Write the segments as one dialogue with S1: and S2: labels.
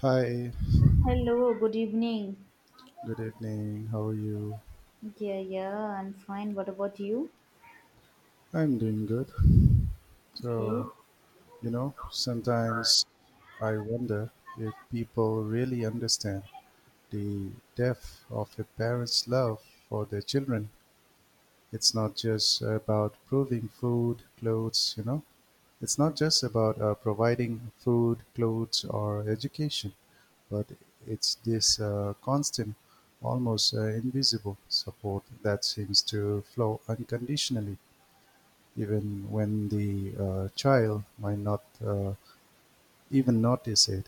S1: Hi,
S2: Hello, good evening.
S1: good evening. How are you?
S2: Yeah, yeah, I'm fine. What about you?
S1: I'm doing good.
S2: Okay,
S1: So, sometimes I wonder if people really understand the depth of a parent's love for their children. It's not just about proving food, clothes. It's not just about providing food, clothes, or education, but it's this constant, almost invisible support that seems to flow unconditionally even when the child might not even notice it.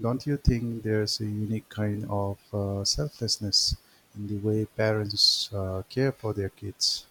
S1: Don't you think there's a unique kind of selflessness in the way parents care for their kids?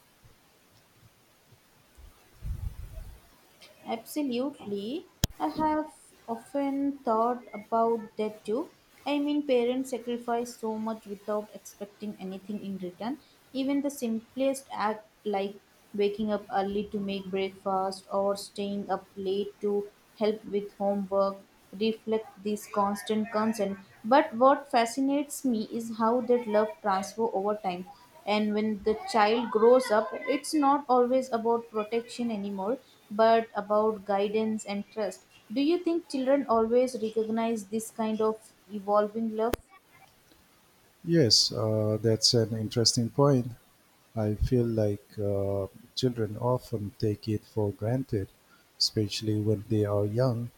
S2: absolutely. I have often thought about that too. I mean, parents sacrifice so much without expecting anything in return. Even the simplest act, like waking up early to make breakfast or staying up late to help with homework, reflect this constant concern. But what fascinates me is how that love transfer over time. And when the child grows up, it's not always about protection anymore, but about guidance and trust. Do you think children always recognize this kind of evolving love?
S1: Yes, that's an interesting point. I feel like children often take it for granted, especially when they are young.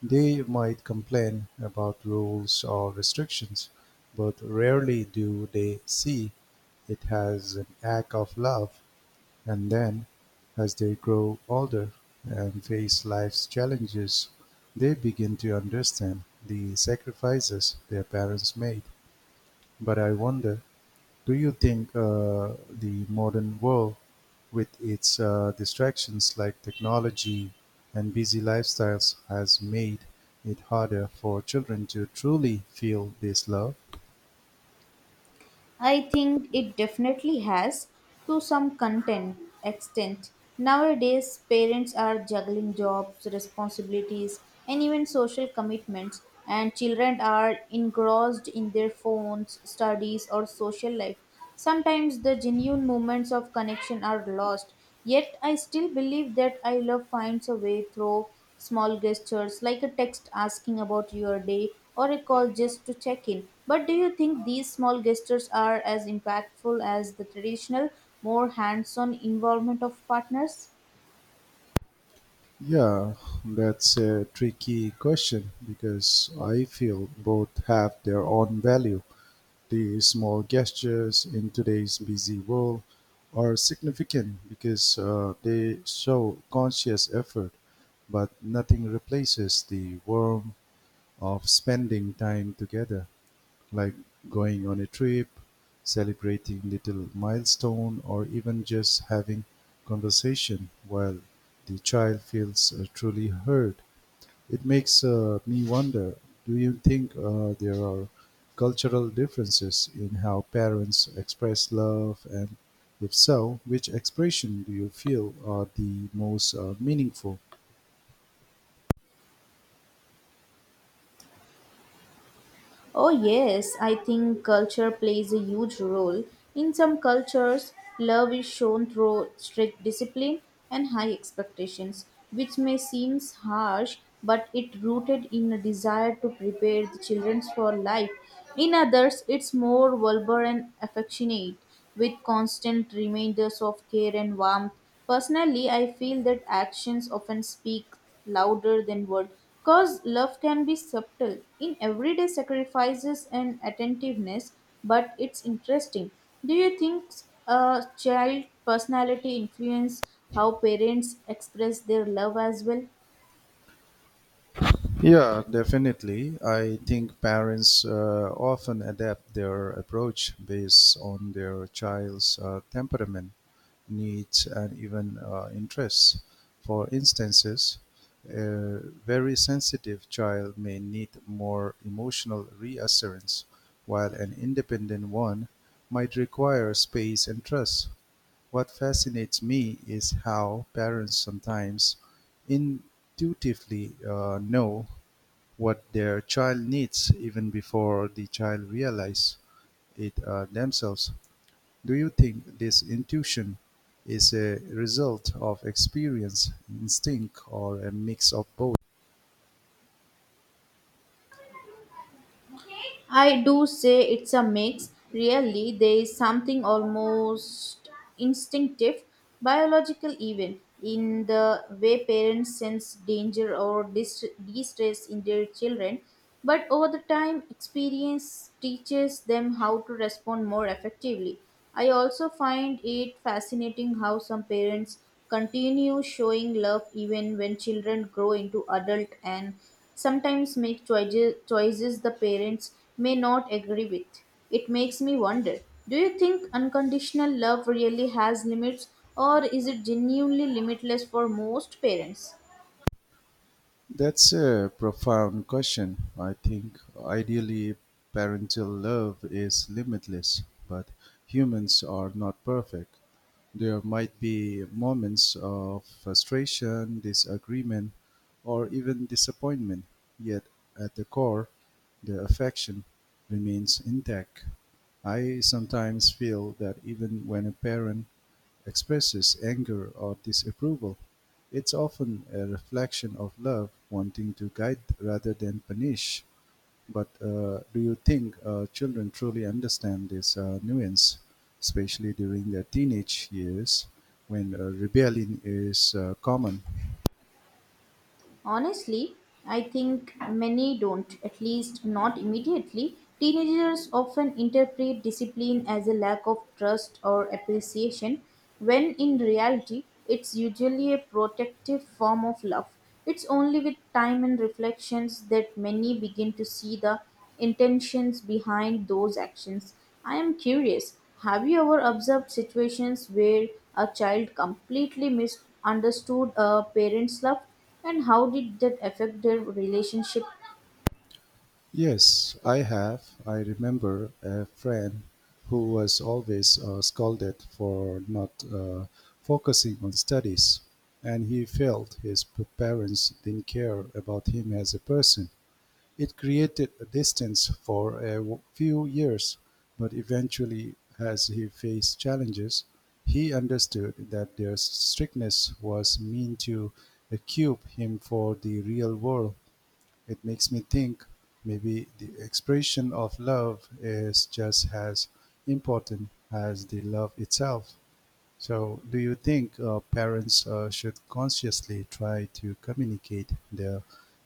S1: They might complain about rules or restrictions, but rarely do they see it as an act of love. And then, as they grow older and face life's challenges, they begin to understand the sacrifices their parents made. But I wonder, do you think the modern world, with its distractions like technology and busy lifestyles, has made it harder for children to truly feel this love?
S2: I think it definitely has to some content extent. Nowadays, parents are juggling jobs, responsibilities, and even social commitments, and children are engrossed in their phones, studies, or social life. Sometimes the genuine moments of connection are lost, yet I still believe that I love finds a way through small gestures like a text asking about your day or a call just to check in. But do you think these small gestures are as impactful as the traditional, more hands on involvement of partners?
S1: Yeah, that's a tricky question because I feel both have their own value. These small gestures in today's busy world are significant because they show conscious effort, but nothing replaces the warmth of spending time together, like going on a trip, celebrating little milestone, or even just having conversation while the child feels truly heard. It makes me wonder, do you think there are cultural differences in how parents express love? And if so, which expression do you feel are the most meaningful?
S2: Oh, yes, I think culture plays a huge role. In some cultures, love is shown through strict discipline and high expectations, which may seem harsh, but it rooted in a desire to prepare the children for life. In others, it's more vulgar and affectionate, with constant reminders of care and warmth. Personally, I feel that actions often speak louder than words. Because love can be subtle in everyday sacrifices and attentiveness, but it's interesting. Do you think a child personality influence how parents express their love as well?
S1: Yeah, definitely. I think parents often adapt their approach based on their child's temperament needs, and even interests. For instances, a very sensitive child may need more emotional reassurance, while an independent one might require space and trust. What fascinates me is how parents sometimes intuitively know what their child needs even before the child realize it themselves. Do you think this intuition is a result of experience, instinct, or a mix of both?
S2: I do say it's a mix. Really, there is something almost instinctive, biological even, in the way parents sense danger or distress in their children. But over the time, experience teaches them how to respond more effectively. I also find it fascinating how some parents continue showing love even when children grow into adult and sometimes make choices the parents may not agree with. It makes me wonder, do you think unconditional love really has limits or is it genuinely limitless for most parents?
S1: That's a profound question. I think ideally parental love is limitless, but humans are not perfect. There might be moments of frustration, disagreement, or even disappointment, yet at the core, the affection remains intact. I sometimes feel that even when a parent expresses anger or disapproval, it's often a reflection of love wanting to guide rather than punish. But do you think children truly understand this nuance, especially during their teenage years when rebellion is common?
S2: Honestly, I think many don't, at least not immediately. Teenagers often interpret discipline as a lack of trust or appreciation, when in reality, it's usually a protective form of love. It's only with time and reflections that many begin to see the intentions behind those actions. I am curious, have you ever observed situations where a child completely misunderstood a parent's love? And how did that affect their relationship?
S1: Yes, I have. I remember a friend who was always scolded for not focusing on studies, and he felt his parents didn't care about him as a person. It created a distance for a few years, but eventually, as he faced challenges, he understood that their strictness was meant to equip him for the real world. It makes me think maybe the expression of love is just as important as the love itself. So, do you think parents should consciously try to communicate their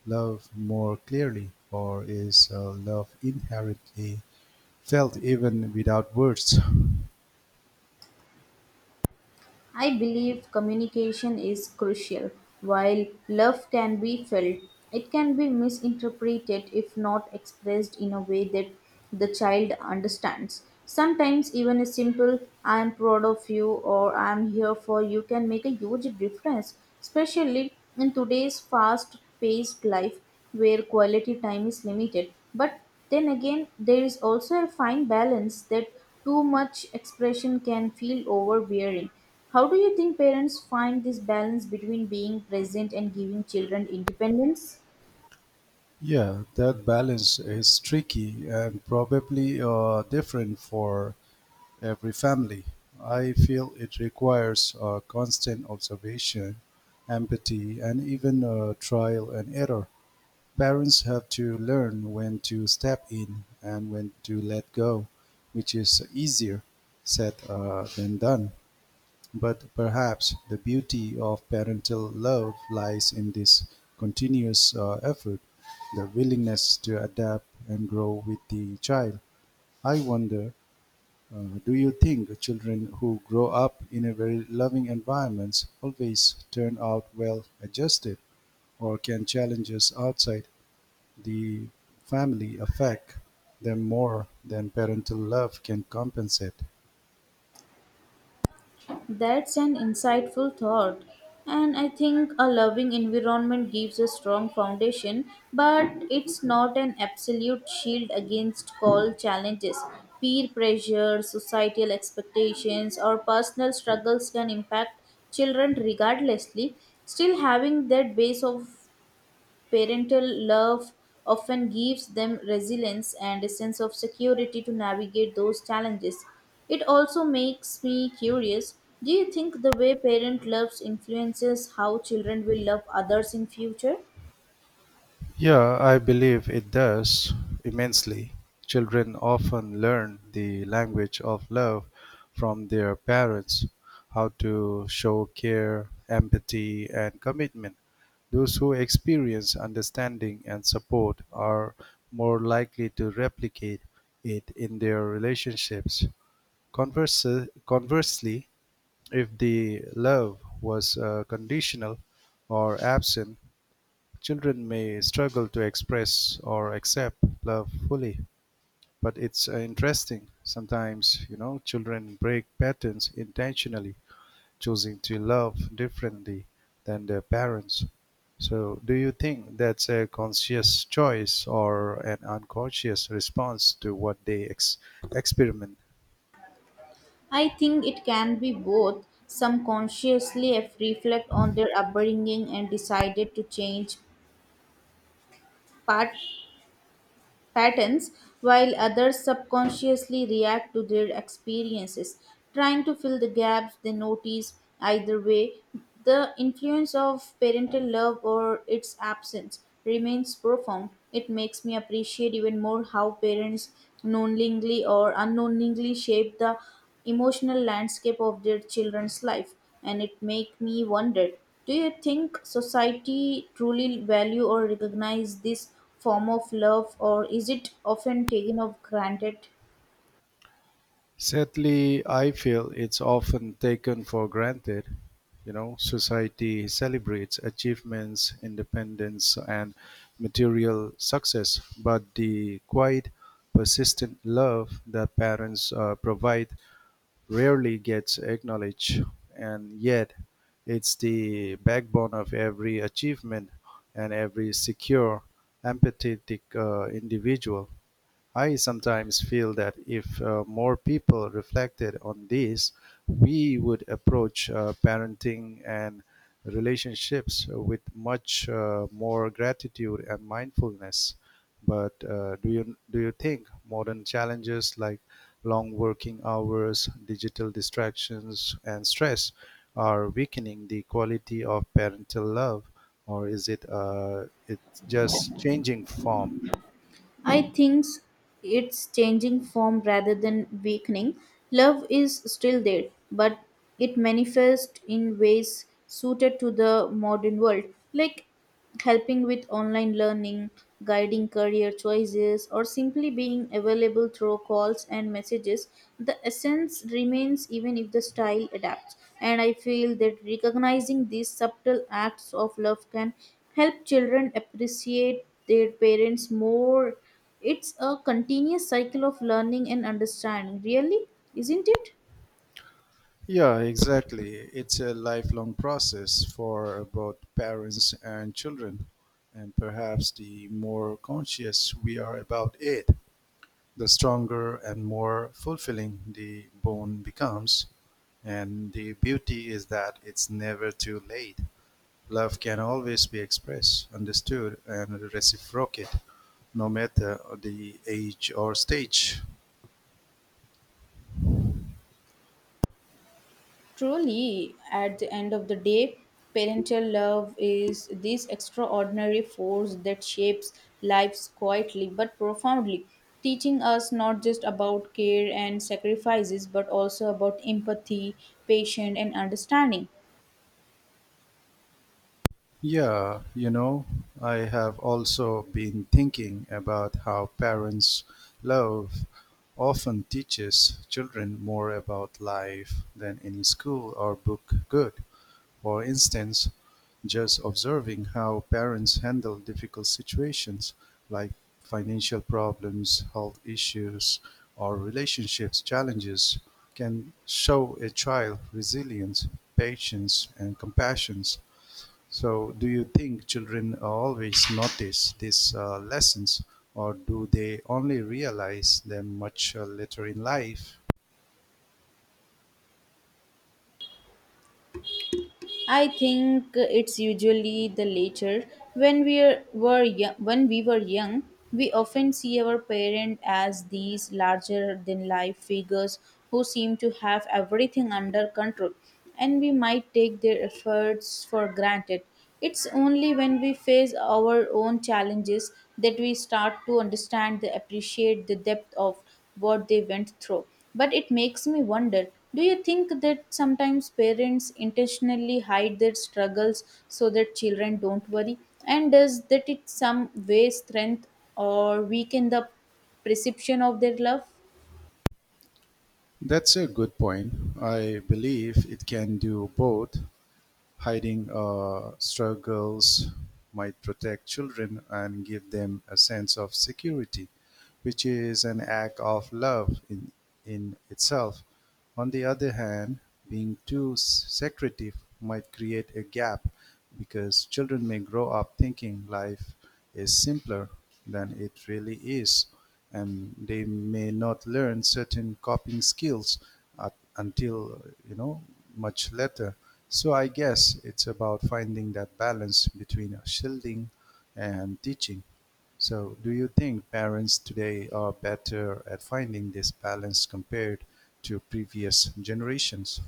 S1: love more clearly, or is love inherently felt even without words?
S2: I believe communication is crucial. While love can be felt, it can be misinterpreted if not expressed in a way that the child understands. Sometimes, even a simple I am proud of you or I am here for you can make a huge difference, especially in today's fast paced life where quality time is limited. But then again, there is also a fine balance that too much expression can feel overbearing. How do you think parents find this balance between being present and giving children independence?
S1: Yeah, that balance is tricky and probably different for every family. I feel it requires constant observation, empathy, and even trial and error. Parents have to learn when to step in and when to let go, which is easier said than done. But perhaps the beauty of parental love lies in this continuous effort, the willingness to adapt and grow with the child. I wonder, do you think children who grow up in a very loving environment always turn out well adjusted, or can challenges outside the family affect them more than parental love can compensate?
S2: That's an insightful thought. And I think a loving environment gives a strong foundation, but it's not an absolute shield against all challenges. Peer pressure, societal expectations, or personal struggles can impact children regardlessly. Still, having that base of parental love often gives them resilience and a sense of security to navigate those challenges. It also makes me curious, do you think the way parent loves influences how children will love others in future?
S1: Yeah, I believe it does immensely. Children often learn the language of love from their parents, how to show care, empathy, and commitment. Those who experience understanding and support are more likely to replicate it in their relationships. Converse, Conversely, if the love was conditional or absent, children may struggle to express or accept love fully, but it's interesting. Sometimes, you know, children break patterns intentionally, choosing to love differently than their parents. So, do you think that's a conscious choice or an unconscious response to what they experiment?
S2: I think it can be both. Some consciously have reflect on their upbringing and decided to change, part patterns, while others subconsciously react to their experiences, trying to fill the gaps they notice. Either way, the influence of parental love or its absence remains profound. It makes me appreciate even more how parents knowingly or unknowingly shape the emotional landscape of their children's life, and it make me wonder, do you think society truly value or recognize this form of love, or is it often taken of granted?
S1: Sadly, I feel it's often taken for granted. You know, society celebrates achievements, independence, and material success, but the quiet, persistent love that parents provide rarely gets acknowledged, and yet it's the backbone of every achievement and every secure, empathetic individual. I sometimes feel that if more people reflected on this, we would approach parenting and relationships with much more gratitude and mindfulness. But do you think modern challenges like long working hours, digital distractions, and stress are weakening the quality of parental love, or is it it's just changing form?
S2: I think it's changing form rather than weakening. Love is still there, but it manifests in ways suited to the modern world, like helping with online learning, guiding career choices, or simply being available through calls and messages. The essence remains even if the style adapts. And I feel that recognizing these subtle acts of love can help children appreciate their parents more. It's a continuous cycle of learning and understanding, really, isn't it?
S1: Yeah, exactly. It's a lifelong process for both parents and children. And perhaps the more conscious we are about it, the stronger and more fulfilling the bond becomes. And the beauty is that it's never too late. Love can always be expressed, understood, and reciprocated, no matter the age or stage.
S2: Truly, at the end of the day, parental love is this extraordinary force that shapes lives quietly but profoundly, teaching us not just about care and sacrifices but also about empathy, patience, and understanding.
S1: Yeah, you know, I have also been thinking about how parents' love often teaches children more about life than any school or book could. For instance, just observing how parents handle difficult situations like financial problems, health issues, or relationships challenges can show a child resilience, patience, and compassion. So, do you think children always notice these lessons, or do they only realize them much later in life?
S2: I think it's usually the latter. When we were young, we often see our parents as these larger-than-life figures who seem to have everything under control, and we might take their efforts for granted. It's only when we face our own challenges that we start to understand and appreciate the depth of what they went through. But it makes me wonder, do you think that sometimes parents intentionally hide their struggles so that children don't worry? And does that in some way strengthen or weaken the perception of their love?
S1: That's a good point. I believe it can do both. Hiding struggles might protect children and give them a sense of security, which is an act of love in itself. On the other hand, being too secretive might create a gap because children may grow up thinking life is simpler than it really is, and they may not learn certain coping skills until, you know, much later. So I guess it's about finding that balance between shielding and teaching. So, do you think parents today are better at finding this balance compared to previous generations?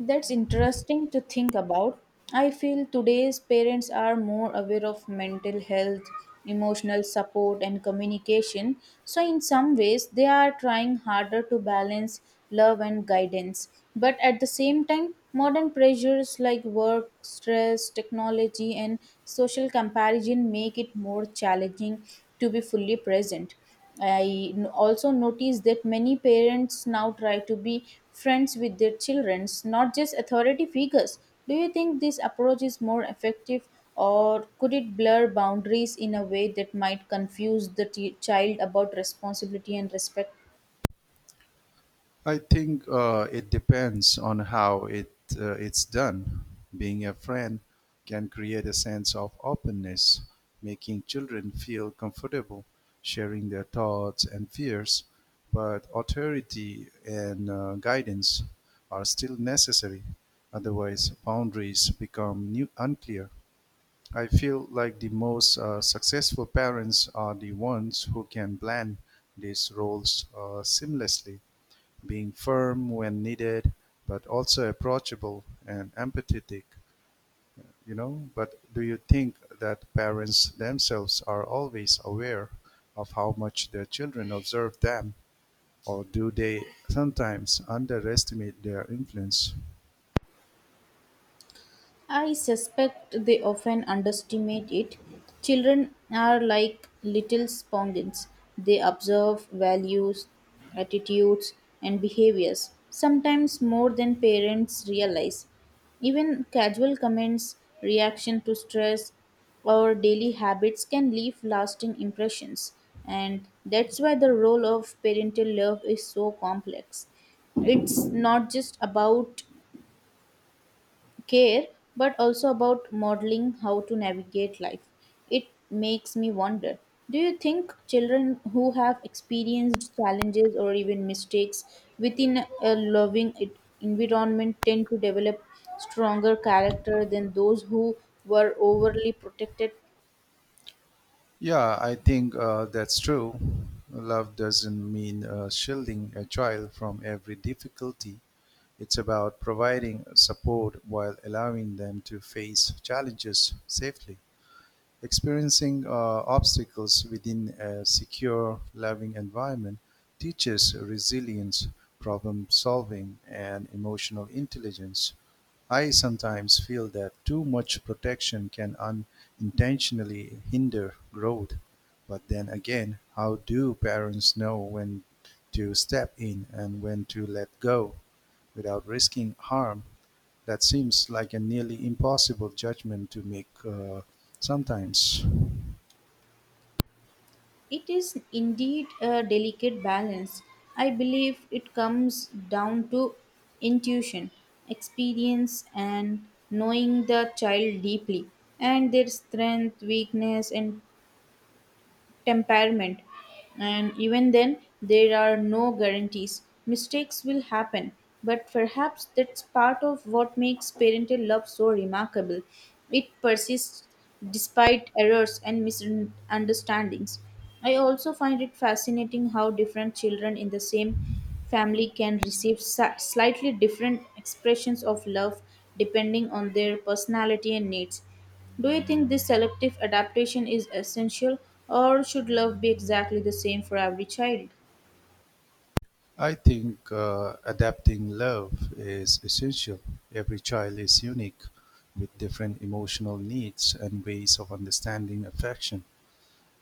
S2: That's interesting to think about. I feel today's parents are more aware of mental health, emotional support, and communication. So, in some ways, they are trying harder to balance love and guidance. But at the same time, modern pressures like work, stress, technology, and social comparison make it more challenging to be fully present. I also notice that many parents now try to be friends with their children, not just authority figures. Do you think this approach is more effective, or could it blur boundaries in a way that might confuse the child about responsibility and respect?
S1: I think it depends on how it's done. Being a friend can create a sense of openness, making children feel comfortable sharing their thoughts and fears. But authority and guidance are still necessary. Otherwise, boundaries become new, unclear. I feel like the most successful parents are the ones who can blend these roles seamlessly, being firm when needed, but also approachable and empathetic, you know. But do you think that parents themselves are always aware of how much their children observe them, or do they sometimes underestimate their influence?
S2: I suspect they often underestimate it. Children are like little sponges. They observe values, attitudes, and behaviors, sometimes more than parents realize. Even casual comments, reaction to stress, or daily habits can leave lasting impressions. And that's why the role of parental love is so complex. It's not just about care but also about modeling how to navigate life. It makes me wonder, do you think children who have experienced challenges or even mistakes within a loving environment tend to develop stronger character than those who were overly protected?
S1: Yeah, I think that's true. Love doesn't mean shielding a child from every difficulty. It's about providing support while allowing them to face challenges safely. Experiencing obstacles within a secure, loving environment teaches resilience, problem solving, and emotional intelligence. I sometimes feel that too much protection can unintentionally hinder growth. But then again, how do parents know when to step in and when to let go without risking harm? That seems like a nearly impossible judgment to make, sometimes.
S2: It is indeed a delicate balance. I believe it comes down to intuition, experience, and knowing the child deeply and their strength, weakness, and temperament, and even then, there are no guarantees. Mistakes will happen, but perhaps that's part of what makes parental love so remarkable. It persists despite errors and misunderstandings. I also find it fascinating how different children in the same family can receive slightly different expressions of love depending on their personality and needs. Do you think this selective adaptation is essential, or should love be exactly the same for every child?
S1: I think adapting love is essential. Every child is unique with different emotional needs and ways of understanding affection.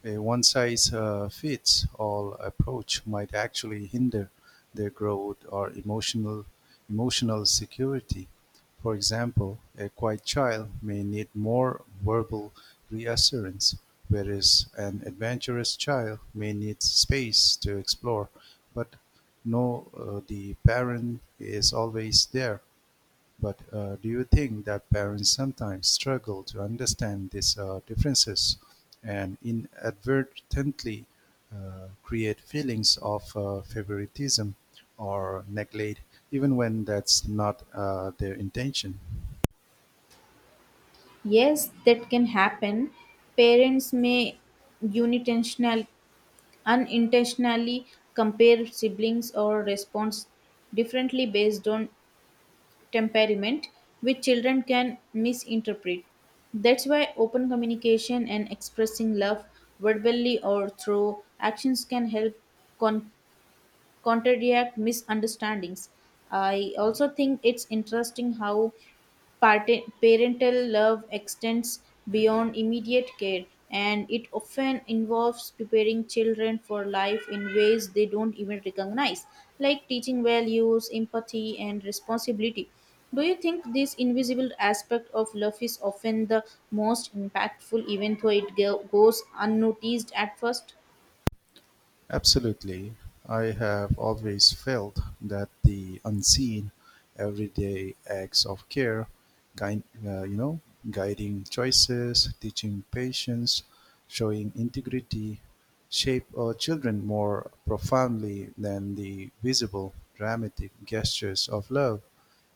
S1: A one-size-fits-all approach might actually hinder their growth or emotional security. For example, a quiet child may need more verbal reassurance, whereas an adventurous child may need space to explore, but no, the parent is always there. But do you think that parents sometimes struggle to understand these differences and inadvertently create feelings of favoritism or neglect, even when that's not their intention?
S2: Yes, that can happen. Parents may unintentional, unintentionally compare siblings or respond differently based on temperament, which children can misinterpret. That's why open communication and expressing love verbally or through actions can help con- counteract misunderstandings. I also think it's interesting how parental love extends beyond immediate care, and it often involves preparing children for life in ways they don't even recognize, like teaching values empathy and responsibility. Do you think this invisible aspect of love is often the most impactful even though it goes unnoticed at first?
S1: Absolutely. I have always felt that the unseen, everyday acts of care, guide, uh, you know, guiding choices, teaching patience, showing integrity, shape our children more profoundly than the visible, dramatic gestures of love.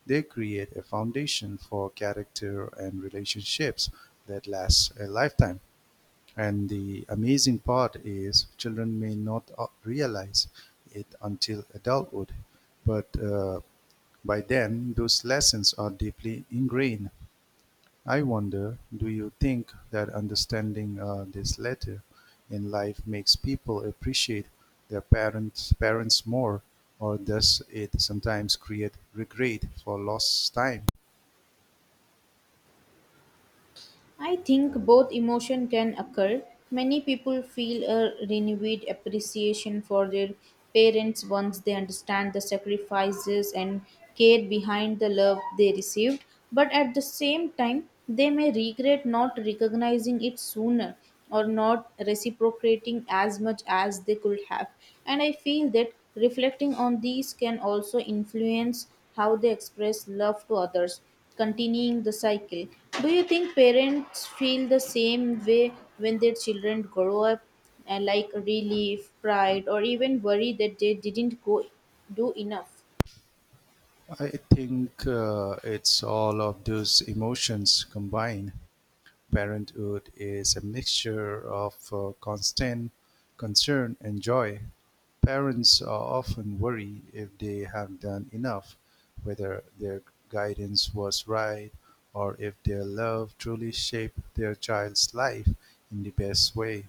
S1: They create a foundation for character and relationships that lasts a lifetime. And the amazing part is children may not realize it until adulthood, but by then those lessons are deeply ingrained. I wonder, do you think that understanding this letter in life makes people appreciate their parents more, or does it sometimes create regret for lost time?
S2: I think both emotion can occur. Many people feel a renewed appreciation for their parents once they understand the sacrifices and care behind the love they received, but at the same time, they may regret not recognizing it sooner or not reciprocating as much as they could have. And I feel that reflecting on these can also influence how they express love to others, continuing the cycle. Do you think parents feel the same way when their children grow up, like relief, pride, or even worry that they didn't go do enough?
S1: I think it's all of those emotions combined. Parenthood is a mixture of constant concern and joy. Parents are often worried if they have done enough, whether their guidance was right, or if their love truly shaped their child's life in the best way.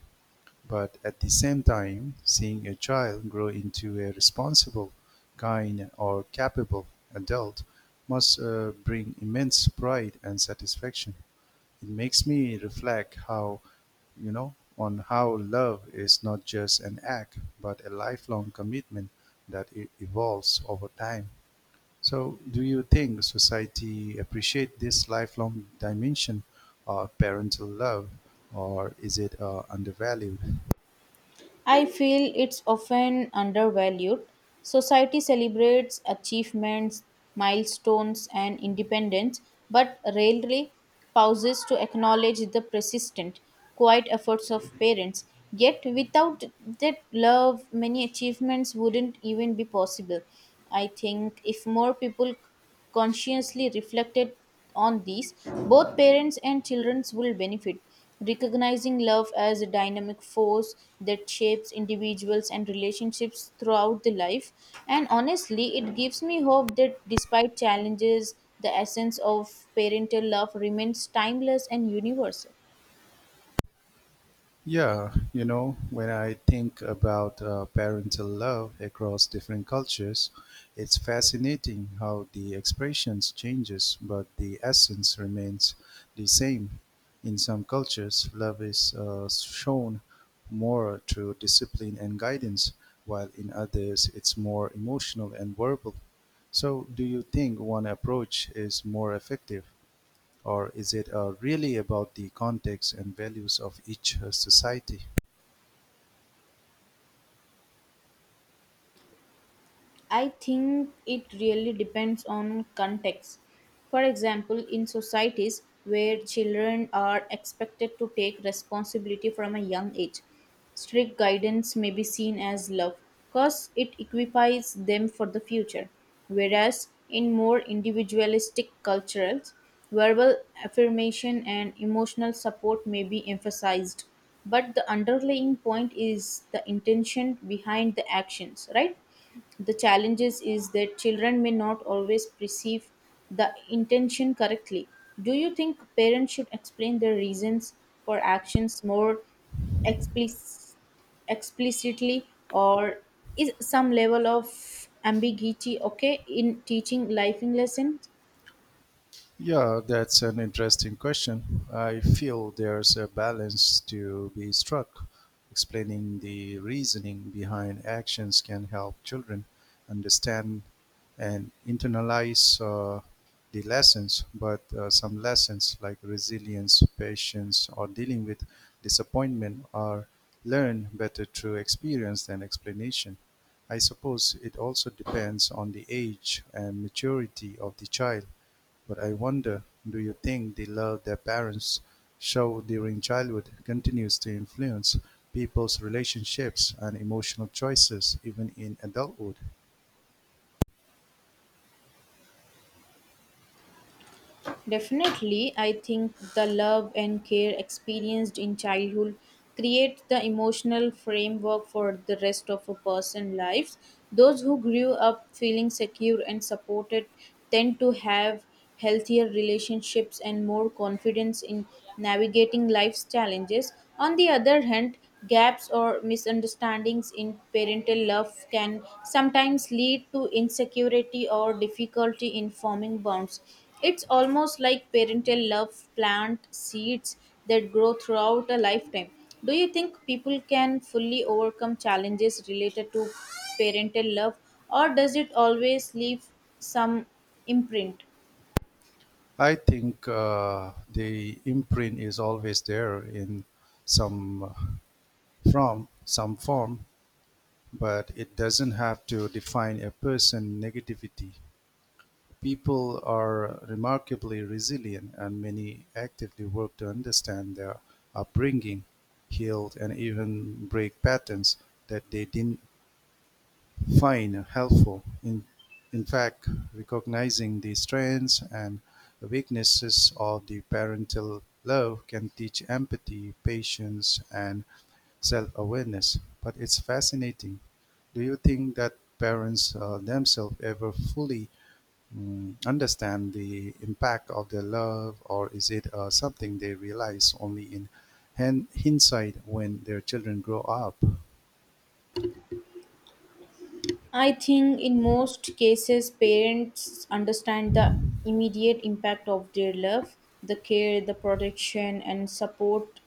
S1: But at the same time, seeing a child grow into a responsible, kind, or capable adult must bring immense pride and satisfaction. It makes me reflect, how you know on how love is not just an act but a lifelong commitment that evolves over time. So do you think society appreciate this lifelong dimension of parental love, or is it undervalued?
S2: I feel it's often undervalued. Society celebrates achievements, milestones, and independence, but rarely pauses to acknowledge the persistent, quiet efforts of parents. Yet, without that love, many achievements wouldn't even be possible. I think if more people consciously reflected on these, both parents and children will benefit. Recognizing love as a dynamic force that shapes individuals and relationships throughout the life, and honestly, it gives me hope that despite challenges, the essence of parental love remains timeless and universal.
S1: Yeah, you know, when I think about parental love across different cultures, it's fascinating how the expressions changes, but the essence remains the same. In some cultures, love is shown more through discipline and guidance, while in others, it's more emotional and verbal. So, do you think one approach is more effective, or is it really about the context and values of each society?
S2: I think it really depends on context. For example, in societies where children are expected to take responsibility from a young age, strict guidance may be seen as love because it equips them for the future. Whereas in more individualistic cultures, verbal affirmation and emotional support may be emphasized. But the underlying point is the intention behind the actions, right? The challenges is that children may not always perceive the intention correctly. Do you think parents should explain their reasons for actions more explic- explicitly, or is some level of ambiguity okay in teaching life lessons?
S1: Yeah, that's an interesting question. I feel there's a balance to be struck. Explaining the reasoning behind actions can help children understand and internalize the lessons, but some lessons like resilience, patience, or dealing with disappointment are learned better through experience than explanation. I suppose it also depends on the age and maturity of the child, but I wonder, do you think the love their parents show during childhood continues to influence people's relationships and emotional choices even in adulthood?
S2: Definitely, I think the love and care experienced in childhood create the emotional framework for the rest of a person's lives. Those who grew up feeling secure and supported tend to have healthier relationships and more confidence in navigating life's challenges. On the other hand, gaps or misunderstandings in parental love can sometimes lead to insecurity or difficulty in forming bonds. It's almost like parental love plant seeds that grow throughout a lifetime. Do you think people can fully overcome challenges related to parental love, or does it always leave some imprint?
S1: I think the imprint is always there in some from some form, but it doesn't have to define a person negativity. People are remarkably resilient and many actively work to understand their upbringing, heal and even break patterns that they didn't find helpful. In fact, recognizing the strengths and weaknesses of the parental love can teach empathy, patience, and self-awareness. But it's fascinating. Do you think that parents themselves ever fully understand the impact of their love, or is it something they realize only in hindsight when their children grow up?
S2: I think in most cases, parents understand the immediate impact of their love, the care, the protection, and support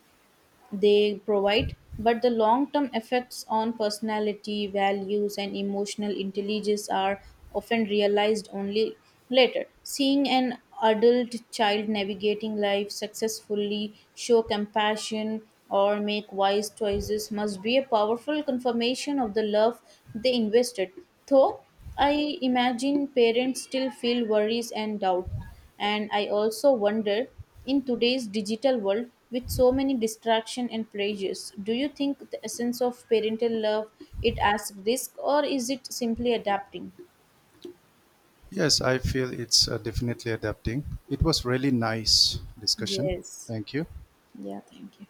S2: they provide, but the long term effects on personality, values, and emotional intelligence are often realized only later. Seeing an adult child navigating life successfully, show compassion, or make wise choices must be a powerful confirmation of the love they invested. Though I imagine parents still feel worries and doubt. And I also wonder, in today's digital world with so many distraction and pressures, do you think the essence of parental love it as risk or is it simply adapting?
S1: Yes, I feel it's definitely adapting. It was really nice discussion.
S2: Yes.
S1: Thank you.
S2: Yeah, thank you.